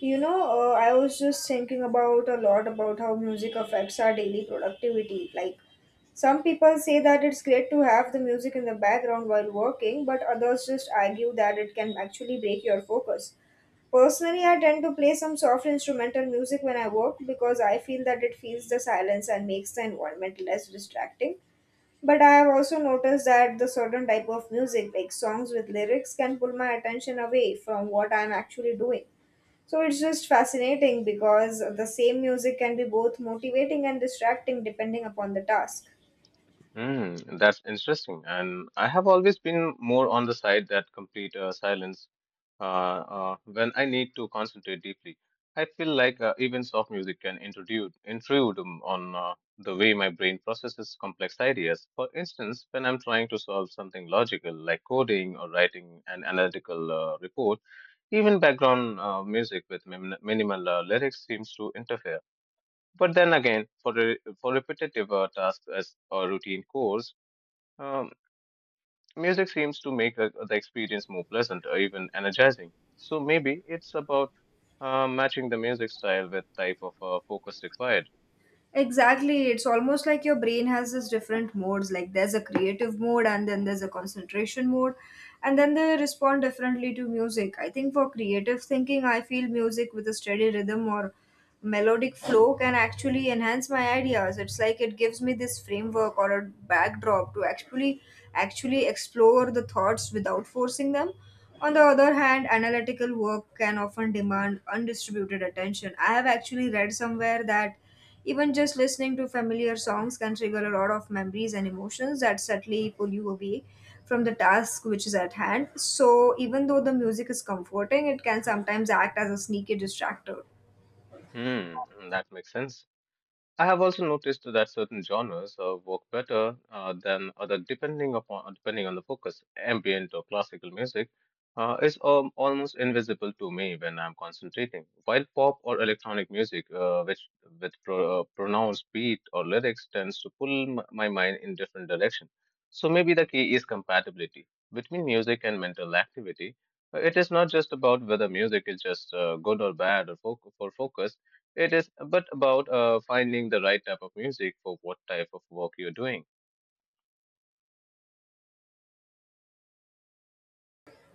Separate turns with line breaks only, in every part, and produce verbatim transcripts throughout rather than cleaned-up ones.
You know, uh, I was just thinking about a lot about how music affects our daily productivity. Like, some people say that it's great to have the music in the background while working, but others just argue that it can actually break your focus. Personally, I tend to play some soft instrumental music when I work because I feel that it fills the silence and makes the environment less distracting. But I have also noticed that the certain type of music, like songs with lyrics, can pull my attention away from what I'm actually doing. So it's just fascinating because the same music can be both motivating and distracting depending upon the task.
Mm, that's interesting. And I have always been more on the side that complete uh, silence uh, uh, when I need to concentrate deeply. I feel like uh, even soft music can intrude, intrude um, on uh, the way my brain processes complex ideas. For instance, when I'm trying to solve something logical like coding or writing an analytical uh, report, even background uh, music with min minimal uh, lyrics seems to interfere. But then again, for re for repetitive uh, tasks as or routine chores, um, music seems to make uh, the experience more pleasant or even energizing. So maybe it's about uh, matching the music style with type of uh, focus required.
Exactly. It's almost like your brain has this different modes. Like there's a creative mode and then there's a concentration mode. And then they respond differently to music. I think for creative thinking, I feel music with a steady rhythm or melodic flow can actually enhance my ideas. It's like it gives me this framework or a backdrop to actually actually explore the thoughts without forcing them. On the other hand, analytical work can often demand undistributed attention. I have actually read somewhere that even just listening to familiar songs can trigger a lot of memories and emotions that subtly pull you away from the task which is at hand. So, even though the music is comforting, it can sometimes act as a sneaky distractor.
Hmm, that makes sense. I have also noticed that certain genres uh, work better uh, than other depending upon depending on the focus. Ambient or classical music uh, is um, almost invisible to me when I'm concentrating, while pop or electronic music, uh, which with pro- uh, pronounced beat or lyrics, tends to pull m- my mind in different direction. So maybe the key is compatibility between music and mental activity. Uh, It is not just about whether music is just uh, good or bad or foc for focus it is but about uh, finding the right type of music for what type of work you're doing.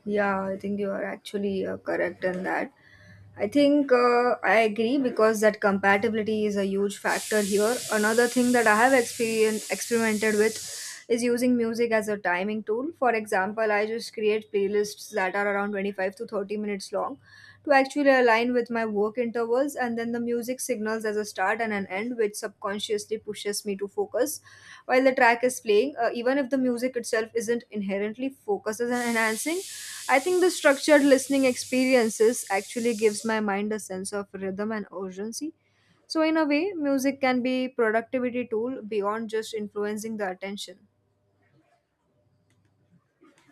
Yeah, I think you are actually uh, correct in that. I think uh, I agree because that compatibility is a huge factor here. Another thing that I have experien experimented with is using music as a timing tool. For example, I just create playlists that are around twenty-five to thirty minutes long to actually align with my work intervals, and then the music signals as a start and an end, which subconsciously pushes me to focus while the track is playing, uh, even if the music itself isn't inherently focused and enhancing. I think the structured listening experiences actually gives my mind a sense of rhythm and urgency. So in a way, music can be productivity tool beyond just influencing the attention.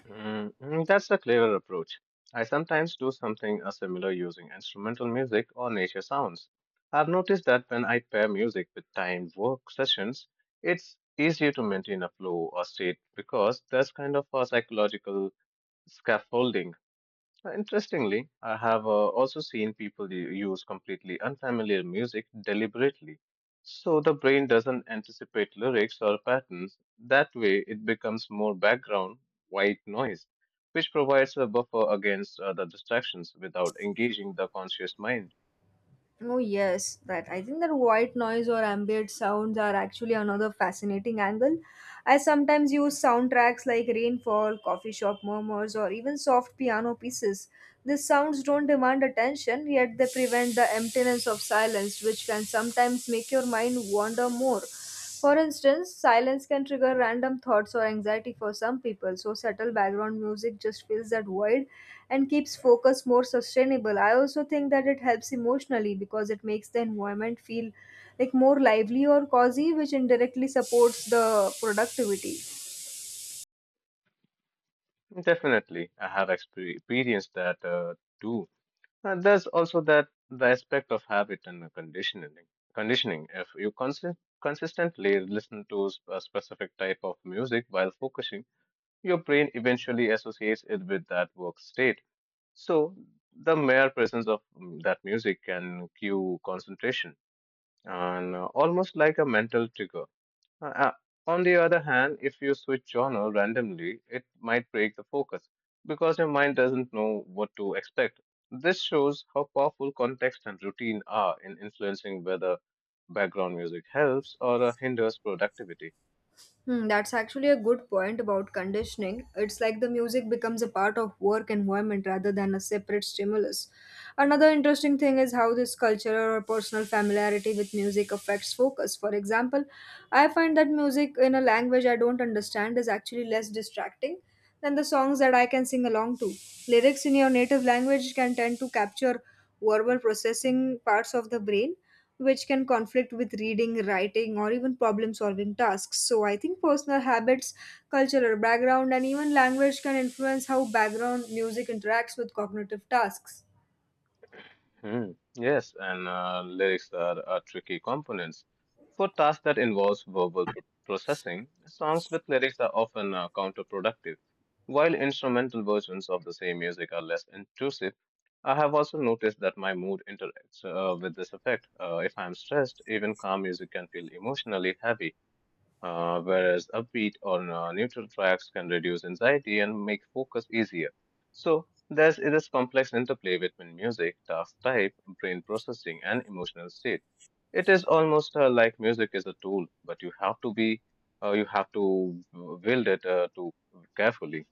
Mm, mm, that's a clever approach. I sometimes do something uh, similar using instrumental music or nature sounds. I've noticed that when I pair music with timed work sessions, it's easier to maintain a flow or state because that's kind of a psychological scaffolding. Uh, Interestingly, I have uh, also seen people u- use completely unfamiliar music deliberately. So the brain doesn't anticipate lyrics or patterns. That way, it becomes more background white noise, which provides a buffer against other distractions without engaging the conscious mind.
Oh yes, that I think that white noise or ambient sounds are actually another fascinating angle. I sometimes use soundtracks like rainfall, coffee shop murmurs, or even soft piano pieces. These sounds don't demand attention, yet they prevent the emptiness of silence, which can sometimes make your mind wander more. For instance, silence can trigger random thoughts or anxiety for some people, so subtle background music just fills that void and keeps focus more sustainable. I also think that it helps emotionally because it makes the environment feel like more lively or cozy, which indirectly supports the productivity.
Definitely, I have exper- experienced that uh, too. And there's also that the aspect of habit and the conditioning. Conditioning. If you consist- consistently listen to s- a specific type of music while focusing, your brain eventually associates it with that work state. So the mere presence of mm, that music can cue concentration and uh, almost like a mental trigger. Uh, uh, on the other hand, if you switch genre randomly, it might break the focus because your mind doesn't know what to expect. This shows how powerful context and routine are in influencing whether background music helps or uh, hinders productivity.
Hmm, that's actually a good point about conditioning. It's like the music becomes a part of work environment rather than a separate stimulus. Another interesting thing is how this cultural or personal familiarity with music affects focus. For example, I find that music in a language I don't understand is actually less distracting than the songs that I can sing along to. Lyrics in your native language can tend to capture verbal processing parts of the brain which can conflict with reading, writing, or even problem solving tasks. So, I think personal habits, cultural background, and even language can influence how background music interacts with cognitive tasks.
Hmm, yes, and uh, lyrics are, are tricky components. For tasks that involves verbal pro- processing, songs with lyrics are often uh, counterproductive. While instrumental versions of the same music are less intrusive, I have also noticed that my mood interacts uh, with this effect. Uh, if I am stressed, even calm music can feel emotionally heavy uh, whereas upbeat or uh, neutral tracks can reduce anxiety and make focus easier. So there's this complex interplay between music, task type, brain processing, and emotional state. It is almost uh, like music is a tool, but you have to be, uh, you have to uh, wield it uh, to carefully.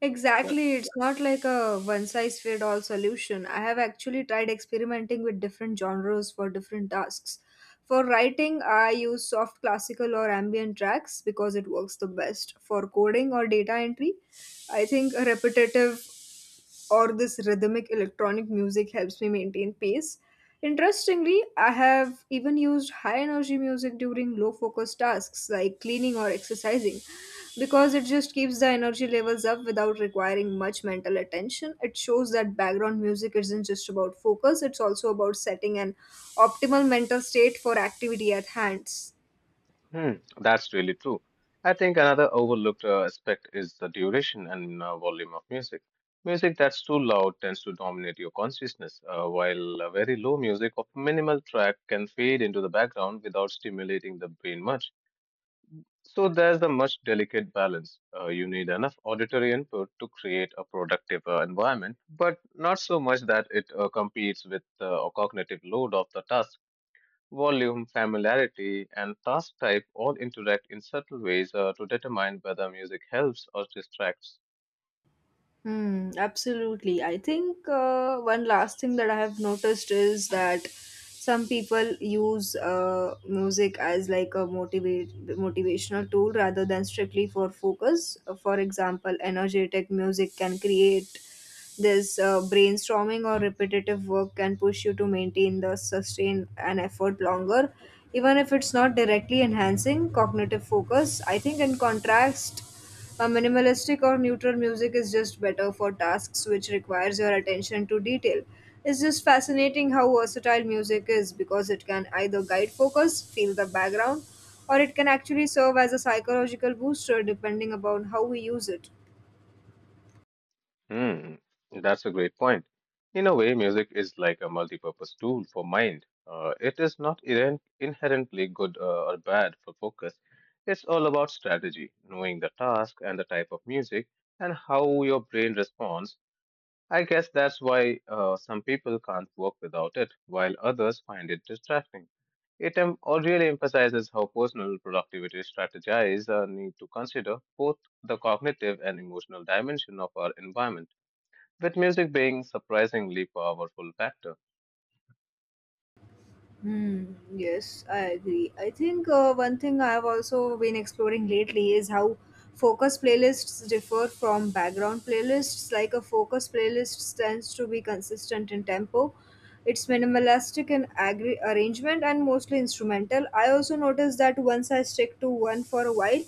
Exactly, it's not like a one size fit all solution. I have actually tried experimenting with different genres for different tasks. For writing, I use soft classical or ambient tracks because it works the best. For coding or data entry, I think repetitive or this rhythmic electronic music helps me maintain pace. Interestingly, I have even used high energy music during low focus tasks like cleaning or exercising because it just keeps the energy levels up without requiring much mental attention. It shows that background music isn't just about focus, it's also about setting an optimal mental state for activity at hands.
Hmm, that's really true. I think another overlooked uh, aspect is the duration and uh, volume of music. Music that's too loud tends to dominate your consciousness, uh, while uh, very low music of minimal track can fade into the background without stimulating the brain much. So there's the much delicate balance. Uh, you need enough auditory input to create a productive uh, environment, but not so much that it uh, competes with the cognitive load of the task. Volume, familiarity, and task type all interact in subtle ways uh, to determine whether music helps or distracts.
Hmm, absolutely. I think uh, one last thing that I have noticed is that some people use uh, music as like a motivate motivational tool rather than strictly for focus. For example, energetic music can create this uh, brainstorming or repetitive work can push you to maintain the sustain an effort longer, even if it's not directly enhancing cognitive focus. I think in contrast a minimalistic or neutral music is just better for tasks which requires your attention to detail. It's just fascinating how versatile music is because it can either guide focus, feel the background, or it can actually serve as a psychological booster depending upon how we use it.
Hmm, that's a great point. In a way, music is like a multi-purpose tool for mind. Uh, it is not inherent, inherently good uh, or bad for focus. It's all about strategy, knowing the task and the type of music and how your brain responds. I guess that's why uh, some people can't work without it, while others find it distracting. It em- or really emphasizes how personal productivity strategies uh, need to consider both the cognitive and emotional dimension of our environment, with music being surprisingly powerful factor.
Hmm. Yes, I agree. I think uh, one thing I've also been exploring lately is how focus playlists differ from background playlists. Like a focus playlist tends to be consistent in tempo, it's minimalistic in agri- arrangement, and mostly instrumental. I also noticed that once I stick to one for a while,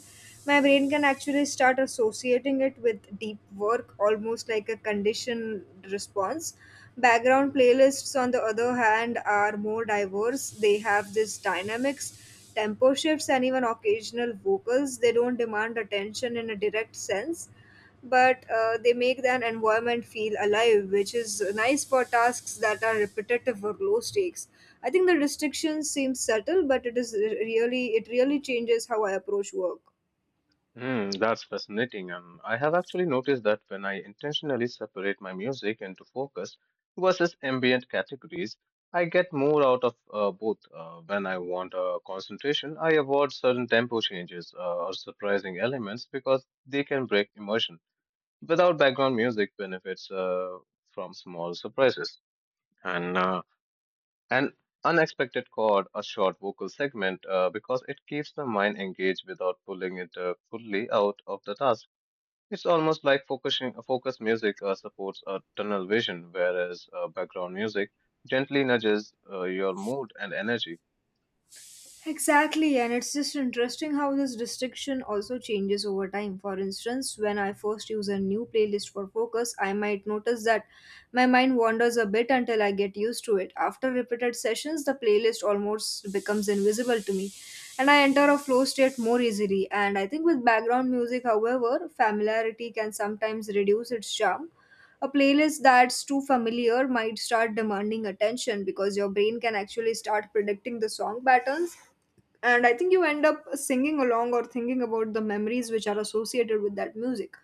my brain can actually start associating it with deep work, almost like a conditioned response. Background playlists, on the other hand, are more diverse. They have this dynamics, tempo shifts, and even occasional vocals. They don't demand attention in a direct sense, but uh, they make an environment feel alive, which is nice for tasks that are repetitive or low stakes. I think the restrictions seem subtle, but it is really it really changes how I approach work.
Hmm, that's fascinating, and I have actually noticed that when I intentionally separate my music into focus versus ambient categories, I get more out of uh, both. Uh, when I want uh, concentration, I avoid certain tempo changes uh, or surprising elements because they can break immersion. Without background music benefits uh, from small surprises and uh, an unexpected chord a short vocal segment uh, because it keeps the mind engaged without pulling it uh, fully out of the task. It's almost like focusing focus music uh, supports a tunnel vision whereas uh, background music gently nudges uh, your mood and energy.
Exactly, and it's just interesting how this distinction also changes over time. For instance, when I first use a new playlist for focus, I might notice that my mind wanders a bit until I get used to it. After repeated sessions, the playlist almost becomes invisible to me, and I enter a flow state more easily. And I think with background music, however, familiarity can sometimes reduce its charm. A playlist that's too familiar might start demanding attention because your brain can actually start predicting the song patterns. And I think you end up singing along or thinking about the memories which are associated with that music.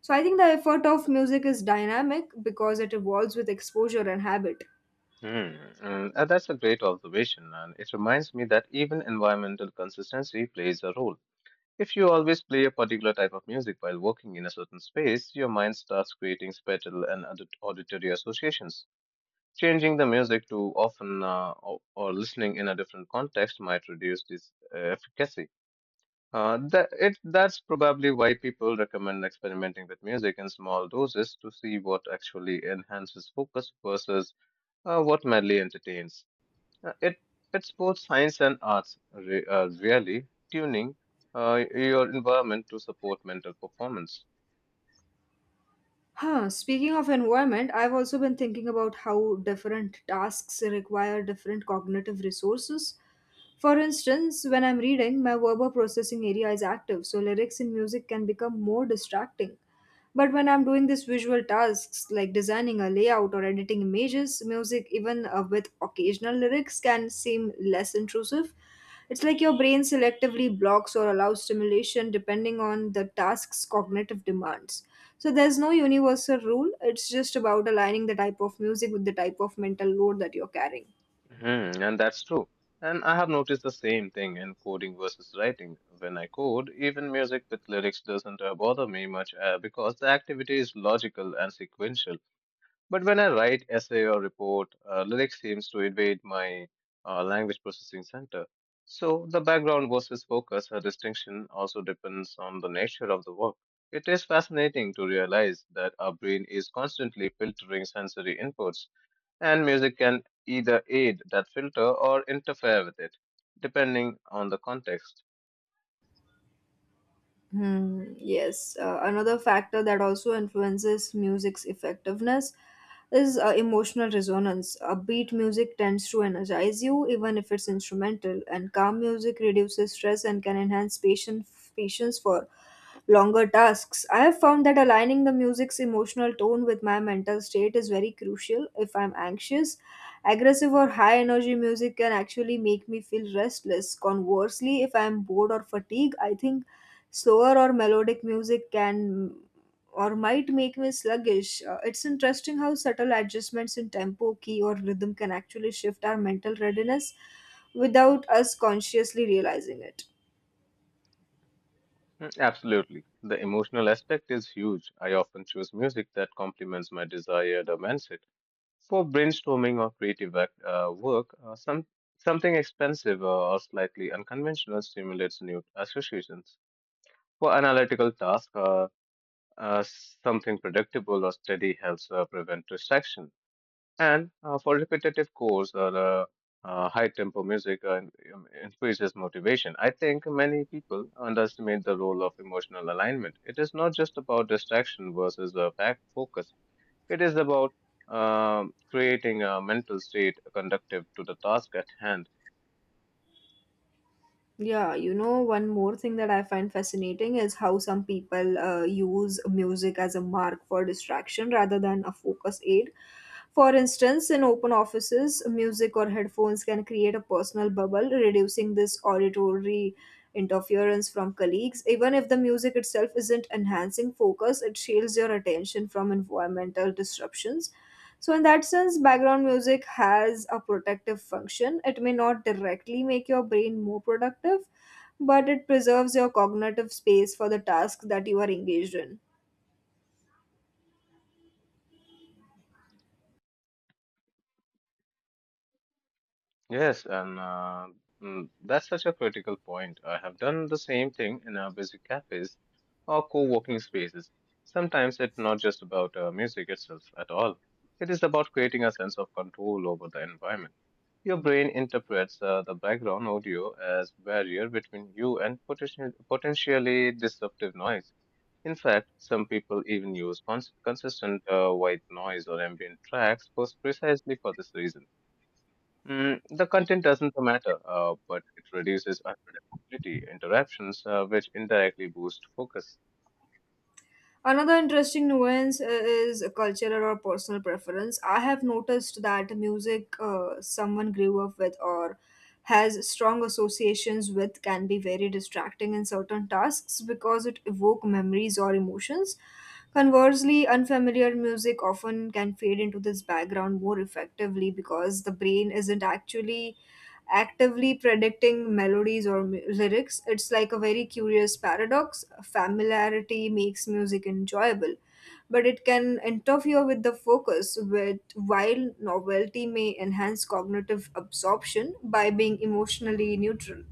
So I think the effort of music is dynamic because it evolves with exposure and habit.
Hmm. And uh, that's a great observation, and it reminds me that even environmental consistency plays a role. If you always play a particular type of music while working in a certain space, your mind starts creating spatial and audit- auditory associations. Changing the music too often uh, or, or listening in a different context might reduce this uh, efficacy. Uh, that, it, that's probably why people recommend experimenting with music in small doses to see what actually enhances focus versus uh, what merely entertains. Uh, It it's both science and arts, re- uh, really tuning uh, your environment to support mental performance.
Huh, speaking of environment, I've also been thinking about how different tasks require different cognitive resources. For instance, when I'm reading, my verbal processing area is active, so lyrics in music can become more distracting. But when I'm doing these visual tasks like designing a layout or editing images, music, even uh, with occasional lyrics, can seem less intrusive. It's like your brain selectively blocks or allows stimulation depending on the task's cognitive demands. So there's no universal rule, it's just about aligning the type of music with the type of mental load that you're carrying.
Mhm, and that's true. And I have noticed the same thing in coding versus writing. When I code, even music with lyrics doesn't uh, bother me much uh, because the activity is logical and sequential. But when I write essay or report, uh, lyrics seems to invade my uh, language processing center. So the background versus focus uh, distinction also depends on the nature of the work. It is fascinating to realize that our brain is constantly filtering sensory inputs, and music can either aid that filter or interfere with it, depending on the context.
Hmm, yes, uh, another factor that also influences music's effectiveness is uh, emotional resonance. Upbeat music tends to energize you, even if it's instrumental, and calm music reduces stress and can enhance patience patience for longer tasks. I have found that aligning the music's emotional tone with my mental state is very crucial. If I'm anxious, aggressive or high energy music can actually make me feel restless. Conversely, if I'm bored or fatigued, I think slower or melodic music can or might make me sluggish. Uh, it's interesting how subtle adjustments in tempo, key, or rhythm can actually shift our mental readiness without us consciously realizing it.
Mm, absolutely. The emotional aspect is huge. I often choose music that complements my desired mindset. For brainstorming or creative act, uh, work, uh, some something expensive uh, or slightly unconventional stimulates new associations. For analytical tasks, uh, uh, something predictable or steady helps uh, prevent distraction. And uh, for repetitive chores or uh, uh, high tempo music uh, in- um, increases motivation. I think many people underestimate the role of emotional alignment. It is not just about distraction versus uh, fact focus. It is about um creating a mental state conductive to the task at hand.
Yeah, you know, one more thing that I find fascinating is how some people uh, use music as a mark for distraction rather than a focus aid. For instance, in open offices, music or headphones can create a personal bubble, reducing this auditory interference from colleagues. Even if the music itself isn't enhancing focus, it shields your attention from environmental disruptions. So, in that sense, background music has a protective function. It may not directly make your brain more productive, but it preserves your cognitive space for the task that you are engaged in.
Yes, and uh, mm, that's such a critical point. I have done the same thing in our busy cafes or co-working spaces. Sometimes it's not just about uh, music itself at all. It is about creating a sense of control over the environment. Your brain interprets uh, the background audio as barrier between you and potential, potentially disruptive noise. In fact, some people even use cons- consistent uh, white noise or ambient tracks pers- precisely for this reason. Mm, the content doesn't matter, uh, but it reduces unpredictability interruptions, uh, which indirectly boost focus.
Another interesting nuance uh, is cultural or personal preference. I have noticed that music uh, someone grew up with or has strong associations with can be very distracting in certain tasks because it evoke memories or emotions. Conversely, unfamiliar music often can fade into this background more effectively because the brain isn't actually actively predicting melodies or mu- lyrics. It's like a very curious paradox. Familiarity makes music enjoyable, but it can interfere with the focus, with, while novelty may enhance cognitive absorption by being emotionally neutral.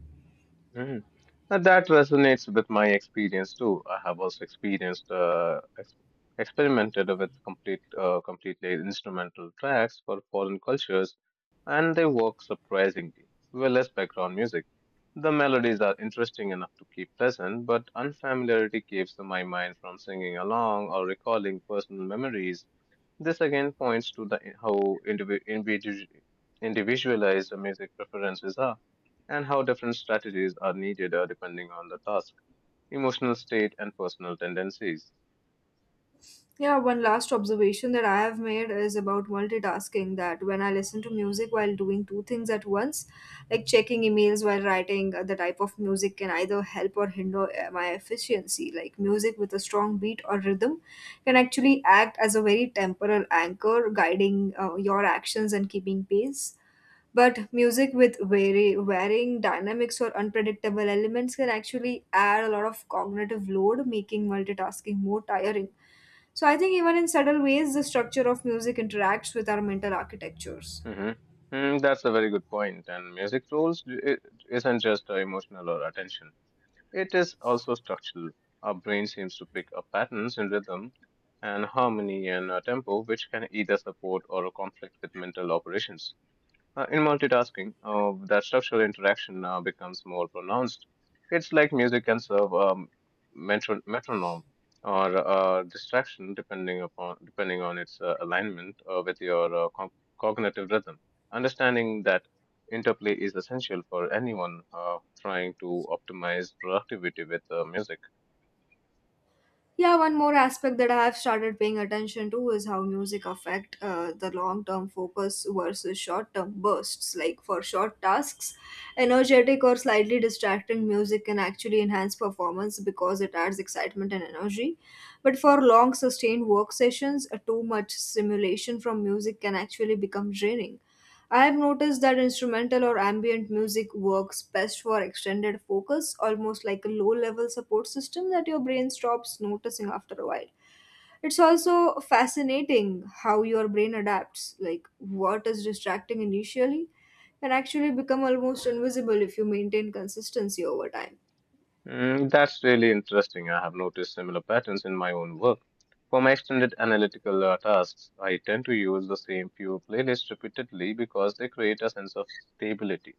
Mm. And that resonates with my experience too. I have also experienced, uh, ex- experimented with complete, uh, completely instrumental tracks for foreign cultures, and they work surprisingly well less background music. The melodies are interesting enough to keep present, but unfamiliarity keeps my mind from singing along or recalling personal memories. This again points to the how indivi- individu- individualized the music preferences are and how different strategies are needed uh, depending on the task, emotional state, and personal tendencies.
Yeah, one last observation that I have made is about multitasking that when I listen to music while doing two things at once, like checking emails while writing, uh, the type of music can either help or hinder uh, my efficiency. Like music with a strong beat or rhythm can actually act as a very temporal anchor, guiding uh, your actions and keeping pace. But music with vary, varying dynamics or unpredictable elements can actually add a lot of cognitive load, making multitasking more tiring. So I think even in subtle ways, the structure of music interacts with our mental architectures.
Hmm. Mm, that's a very good point. And music roles i- i- isn't just uh, emotional or attention, it is also structural. Our brain seems to pick up patterns in rhythm and harmony and uh, tempo, which can either support or conflict with mental operations. Uh, in multitasking, uh, that structural interaction uh, becomes more pronounced. It's like music can serve a metro- metronome or a distraction depending upon depending on its uh, alignment uh, with your uh, co- cognitive rhythm. Understanding that interplay is essential for anyone uh, trying to optimize productivity with uh, music.
Yeah, one more aspect that I have started paying attention to is how music affect uh, the long-term focus versus short-term bursts. Like for short tasks, energetic or slightly distracting music can actually enhance performance because it adds excitement and energy. But for long sustained work sessions, uh, too much stimulation from music can actually become draining. I have noticed that instrumental or ambient music works best for extended focus, almost like a low level support system that your brain stops noticing after a while. It's also fascinating how your brain adapts, like what is distracting initially can actually become almost invisible if you maintain consistency over time.
Mm, that's really interesting. I have noticed similar patterns in my own work. For my extended analytical uh, tasks, I tend to use the same few playlists repeatedly because they create a sense of stability.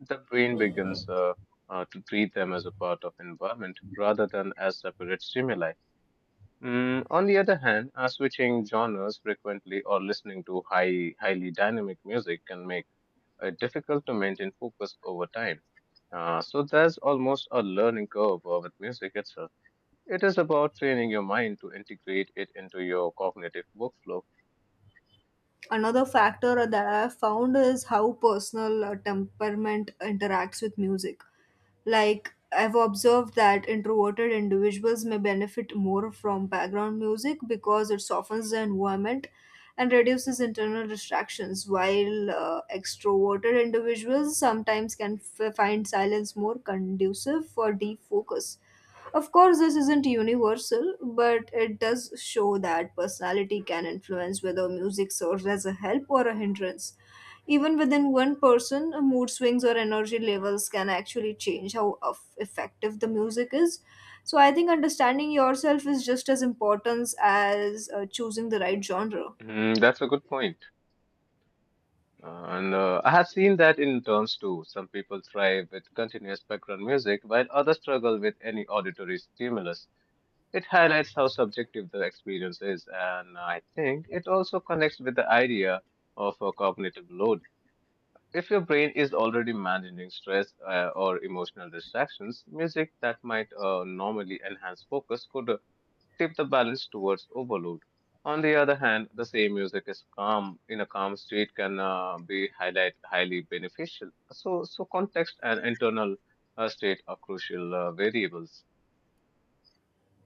The brain begins uh, uh, to treat them as a part of environment rather than as separate stimuli. Mm, on the other hand, uh, switching genres frequently or listening to high, highly dynamic music can make uh, difficult to maintain focus over time. Uh, so there's almost a learning curve uh, with music itself. It is about training your mind to integrate it into your cognitive workflow.
Another factor that I have found is how personal uh, temperament interacts with music. Like, I've observed that introverted individuals may benefit more from background music because it softens the environment and reduces internal distractions, while uh, extroverted individuals sometimes can f- find silence more conducive for deep focus. Of course, this isn't universal, but it does show that personality can influence whether music serves as a help or a hindrance. Even within one person, mood swings or energy levels can actually change how eff- effective the music is. So, I think understanding yourself is just as important as uh, choosing the right genre.
Mm, that's a good point. Uh, and uh, I have seen that in terms too. Some people thrive with continuous background music, while others struggle with any auditory stimulus. It highlights how subjective the experience is, and I think it also connects with the idea of a cognitive load. If your brain is already managing stress uh, or emotional distractions, music that might uh, normally enhance focus could uh, tip the balance towards overload. On the other hand, the same music is calm in a calm state can uh, be highlight highly beneficial. So, so context and internal uh, state are crucial uh, variables.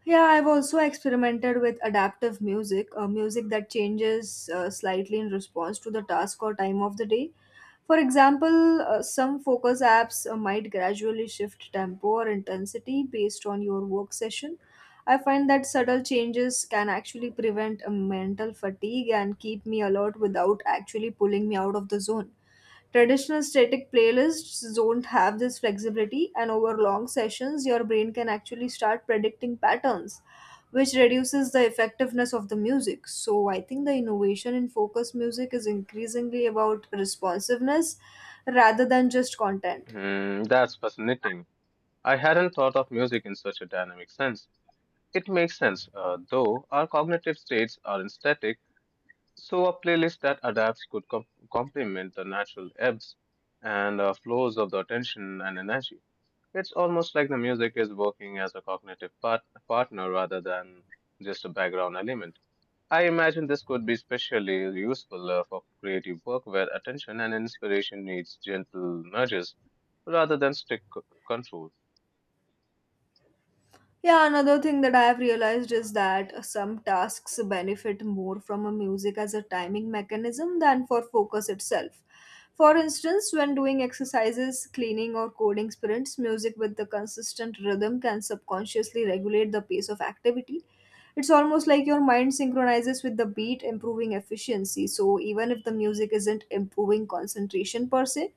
Yeah, I've also experimented with adaptive music, uh, music that changes uh, slightly in response to the task or time of the day. For example, uh, some focus apps uh, might gradually shift tempo or intensity based on your work session. I find that subtle changes can actually prevent a mental fatigue and keep me alert without actually pulling me out of the zone. Traditional static playlists don't have this flexibility, and over long sessions, your brain can actually start predicting patterns, which reduces the effectiveness of the music. So, I think the innovation in focus music is increasingly about responsiveness rather than just content.
Hmm, that's fascinating. I hadn't thought of music in such a dynamic sense. It makes sense, uh, though our cognitive states are not static. So, a playlist that adapts could com- complement the natural ebbs and uh, flows of the attention and energy. It's almost like the music is working as a cognitive part- partner rather than just a background element. I imagine this could be especially useful uh, for creative work where attention and inspiration needs gentle nudges rather than strict c- control.
Yeah, another thing that I have realized is that some tasks benefit more from a music as a timing mechanism than for focus itself. For instance, when doing exercises, cleaning, or coding sprints, music with the consistent rhythm can subconsciously regulate the pace of activity. It's almost like your mind synchronizes with the beat, improving efficiency. So, even if the music isn't improving concentration per se,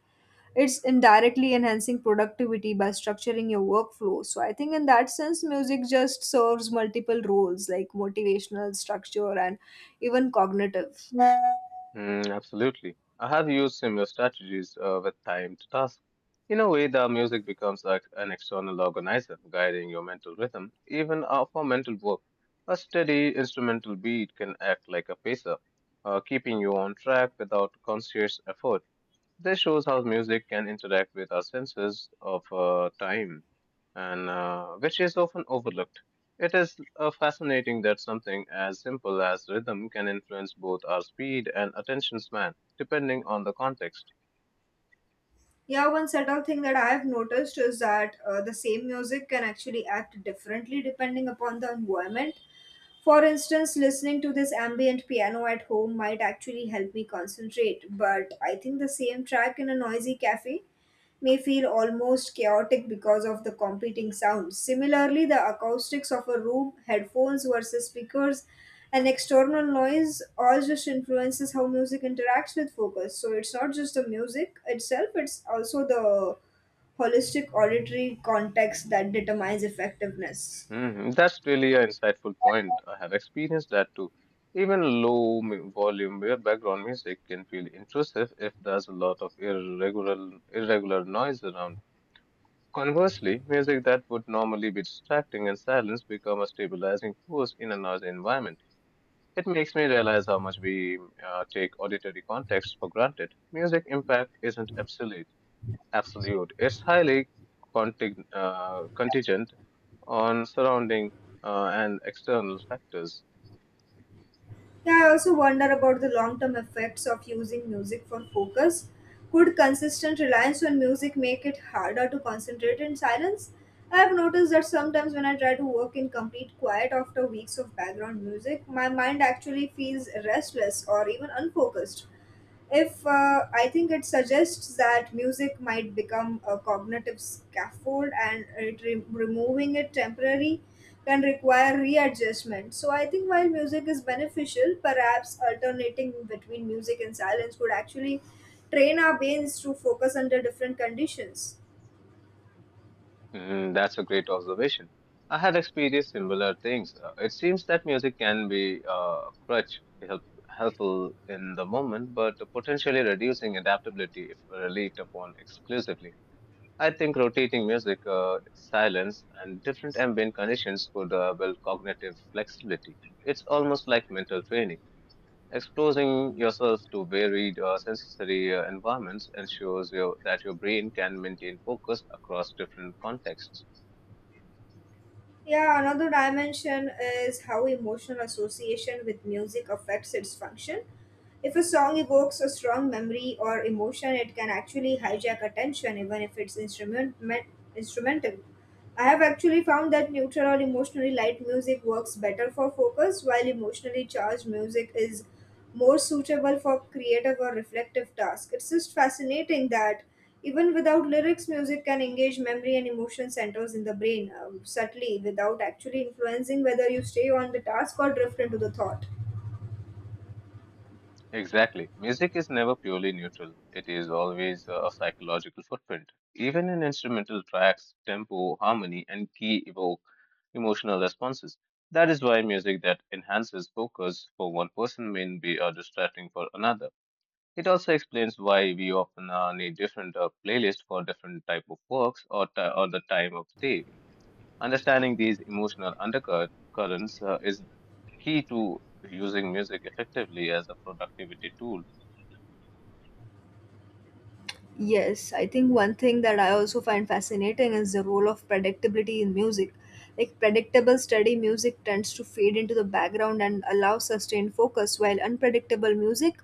it's indirectly enhancing productivity by structuring your workflow. So I think in that sense music just serves multiple roles like motivational structure and even cognitive.
Mm, absolutely. I have used similar strategies uh, with timed tasks. In a way, the music becomes like an external organizer, guiding your mental rhythm, even uh, for mental work. A steady instrumental beat can act like a pacer, uh, keeping you on track without conscious effort. This shows how music can interact with our senses of uh, time and uh, which is often overlooked. It is uh, fascinating that something as simple as rhythm can influence both our speed and attention span, depending on the context.
Yeah, one subtle thing that I've noticed is that uh, the same music can actually act differently depending upon the environment. For instance, listening to this ambient piano at home might actually help me concentrate, but I think the same track in a noisy cafe may feel almost chaotic because of the competing sounds. Similarly, the acoustics of a room, headphones versus speakers, and external noise all just influences how music interacts with focus. So it's not just the music itself, it's also the holistic auditory context that determines effectiveness.
Hmm, that's really an insightful point. I have experienced that too. Even low mu- volume mu- background music can feel intrusive if there's a lot of irregular, irregular noise around. Conversely, music that would normally be distracting and silence become a stabilizing force in a noisy environment. It makes me realize how much we uh, take auditory context for granted. Music impact isn't absolute. Absolute. It's highly contig- uh, contingent on surrounding uh, and external factors.
Yeah, I also wonder about the long term effects of using music for focus. Could consistent reliance on music make it harder to concentrate in silence? I have noticed that sometimes when I try to work in complete quiet after weeks of background music, my mind actually feels restless or even unfocused if uh, I think it suggests that music might become a cognitive scaffold and it re- removing it temporarily can require readjustment. So I think while music is beneficial, perhaps alternating between music and silence would actually train our brains to focus under different conditions.
Mm, that's a great observation. I had experienced similar things. Uh, it seems that music can be uh, a crutch, help, helpful in the moment, but potentially reducing adaptability if relied upon exclusively. I think rotating music, uh, silence, and different ambient conditions could uh, build cognitive flexibility. It's almost like mental training. Exposing yourself to varied uh, sensory uh, environments ensures your, that your brain can maintain focus across different contexts.
Yeah, another dimension is how emotional association with music affects its function. If a song evokes a strong memory or emotion, it can actually hijack attention, even if it's instrument, me- instrumental. I have actually found that neutral or emotionally light music works better for focus, while emotionally charged music is more suitable for creative or reflective tasks. It's just fascinating that even without lyrics, music can engage memory and emotion centers in the brain um, subtly without actually influencing whether you stay on the task or drift into the thought.
Exactly. Music is never purely neutral. It is always a psychological footprint. Even in instrumental tracks, tempo, harmony, and key evoke emotional responses. That is why music that enhances focus for one person may be uh, distracting for another. It also explains why we often uh, need different uh, playlists for different type of works or, ti or the time of the day. Understanding these emotional undercurrents uh, is key to using music effectively as a productivity tool.
Yes, I think one thing that I also find fascinating is the role of predictability in music. Like predictable steady music tends to fade into the background and allow sustained focus, while unpredictable music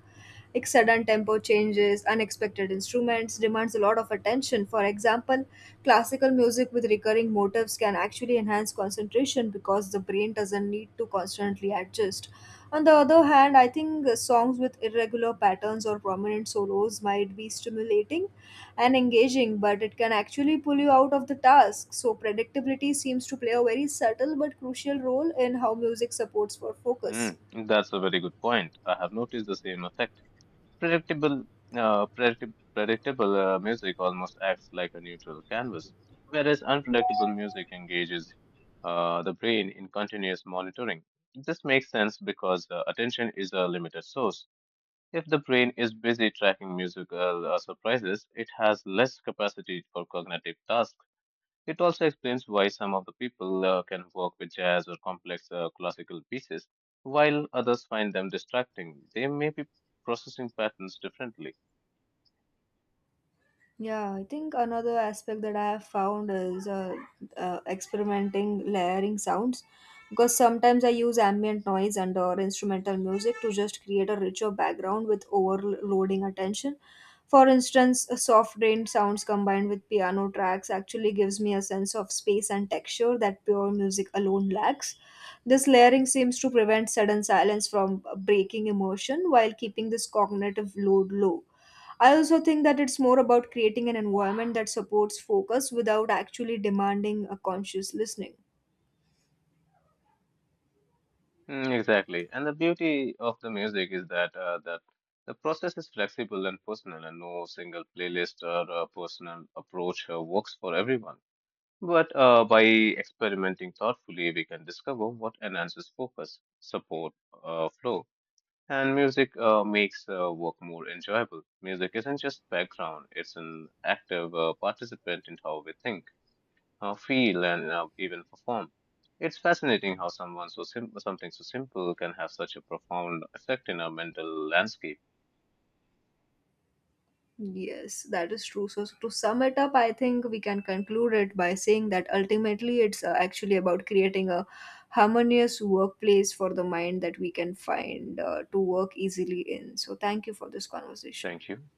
like sudden tempo changes, unexpected instruments demands a lot of attention. For example, classical music with recurring motifs can actually enhance concentration because the brain doesn't need to constantly adjust. On the other hand, I think uh, songs with irregular patterns or prominent solos might be stimulating and engaging, but it can actually pull you out of the task. So, predictability seems to play a very subtle but crucial role in how music supports for focus.
Mm, that's a very good point. I have noticed the same effect. Predictable, uh, predictable, predictable uh, music almost acts like a neutral canvas, whereas unpredictable music engages uh, the brain in continuous monitoring. This makes sense because uh, attention is a limited source. If the brain is busy tracking musical uh, surprises, it has less capacity for cognitive tasks. It also explains why some of the people uh, can work with jazz or complex uh, classical pieces, while others find them distracting. They may be processing patterns differently.
Yeah, I think another aspect that I have found is uh, uh, experimenting layering sounds because sometimes I use ambient noise and or instrumental music to just create a richer background with overloading attention. For instance, a soft rain sounds combined with piano tracks actually gives me a sense of space and texture that pure music alone lacks. This layering seems to prevent sudden silence from breaking emotion while keeping this cognitive load low. I also think that it's more about creating an environment that supports focus without actually demanding a conscious listening.
Mm, exactly. And the beauty of the music is that uh, that the process is flexible and personal, and no single playlist or uh, personal approach uh, works for everyone. But uh, by experimenting thoughtfully, we can discover what enhances focus, support, uh, flow, and music uh, makes uh, work more enjoyable. Music isn't just background, it's an active uh, participant in how we think, how feel, and uh, even perform. It's fascinating how someone so sim- something so simple can have such a profound effect in our mental landscape.
Yes, that is true. So, to sum it up, I think we can conclude it by saying that ultimately it's uh, actually about creating a harmonious workplace for the mind that we can find uh, to work easily in. So, thank you for this conversation.
Thank you.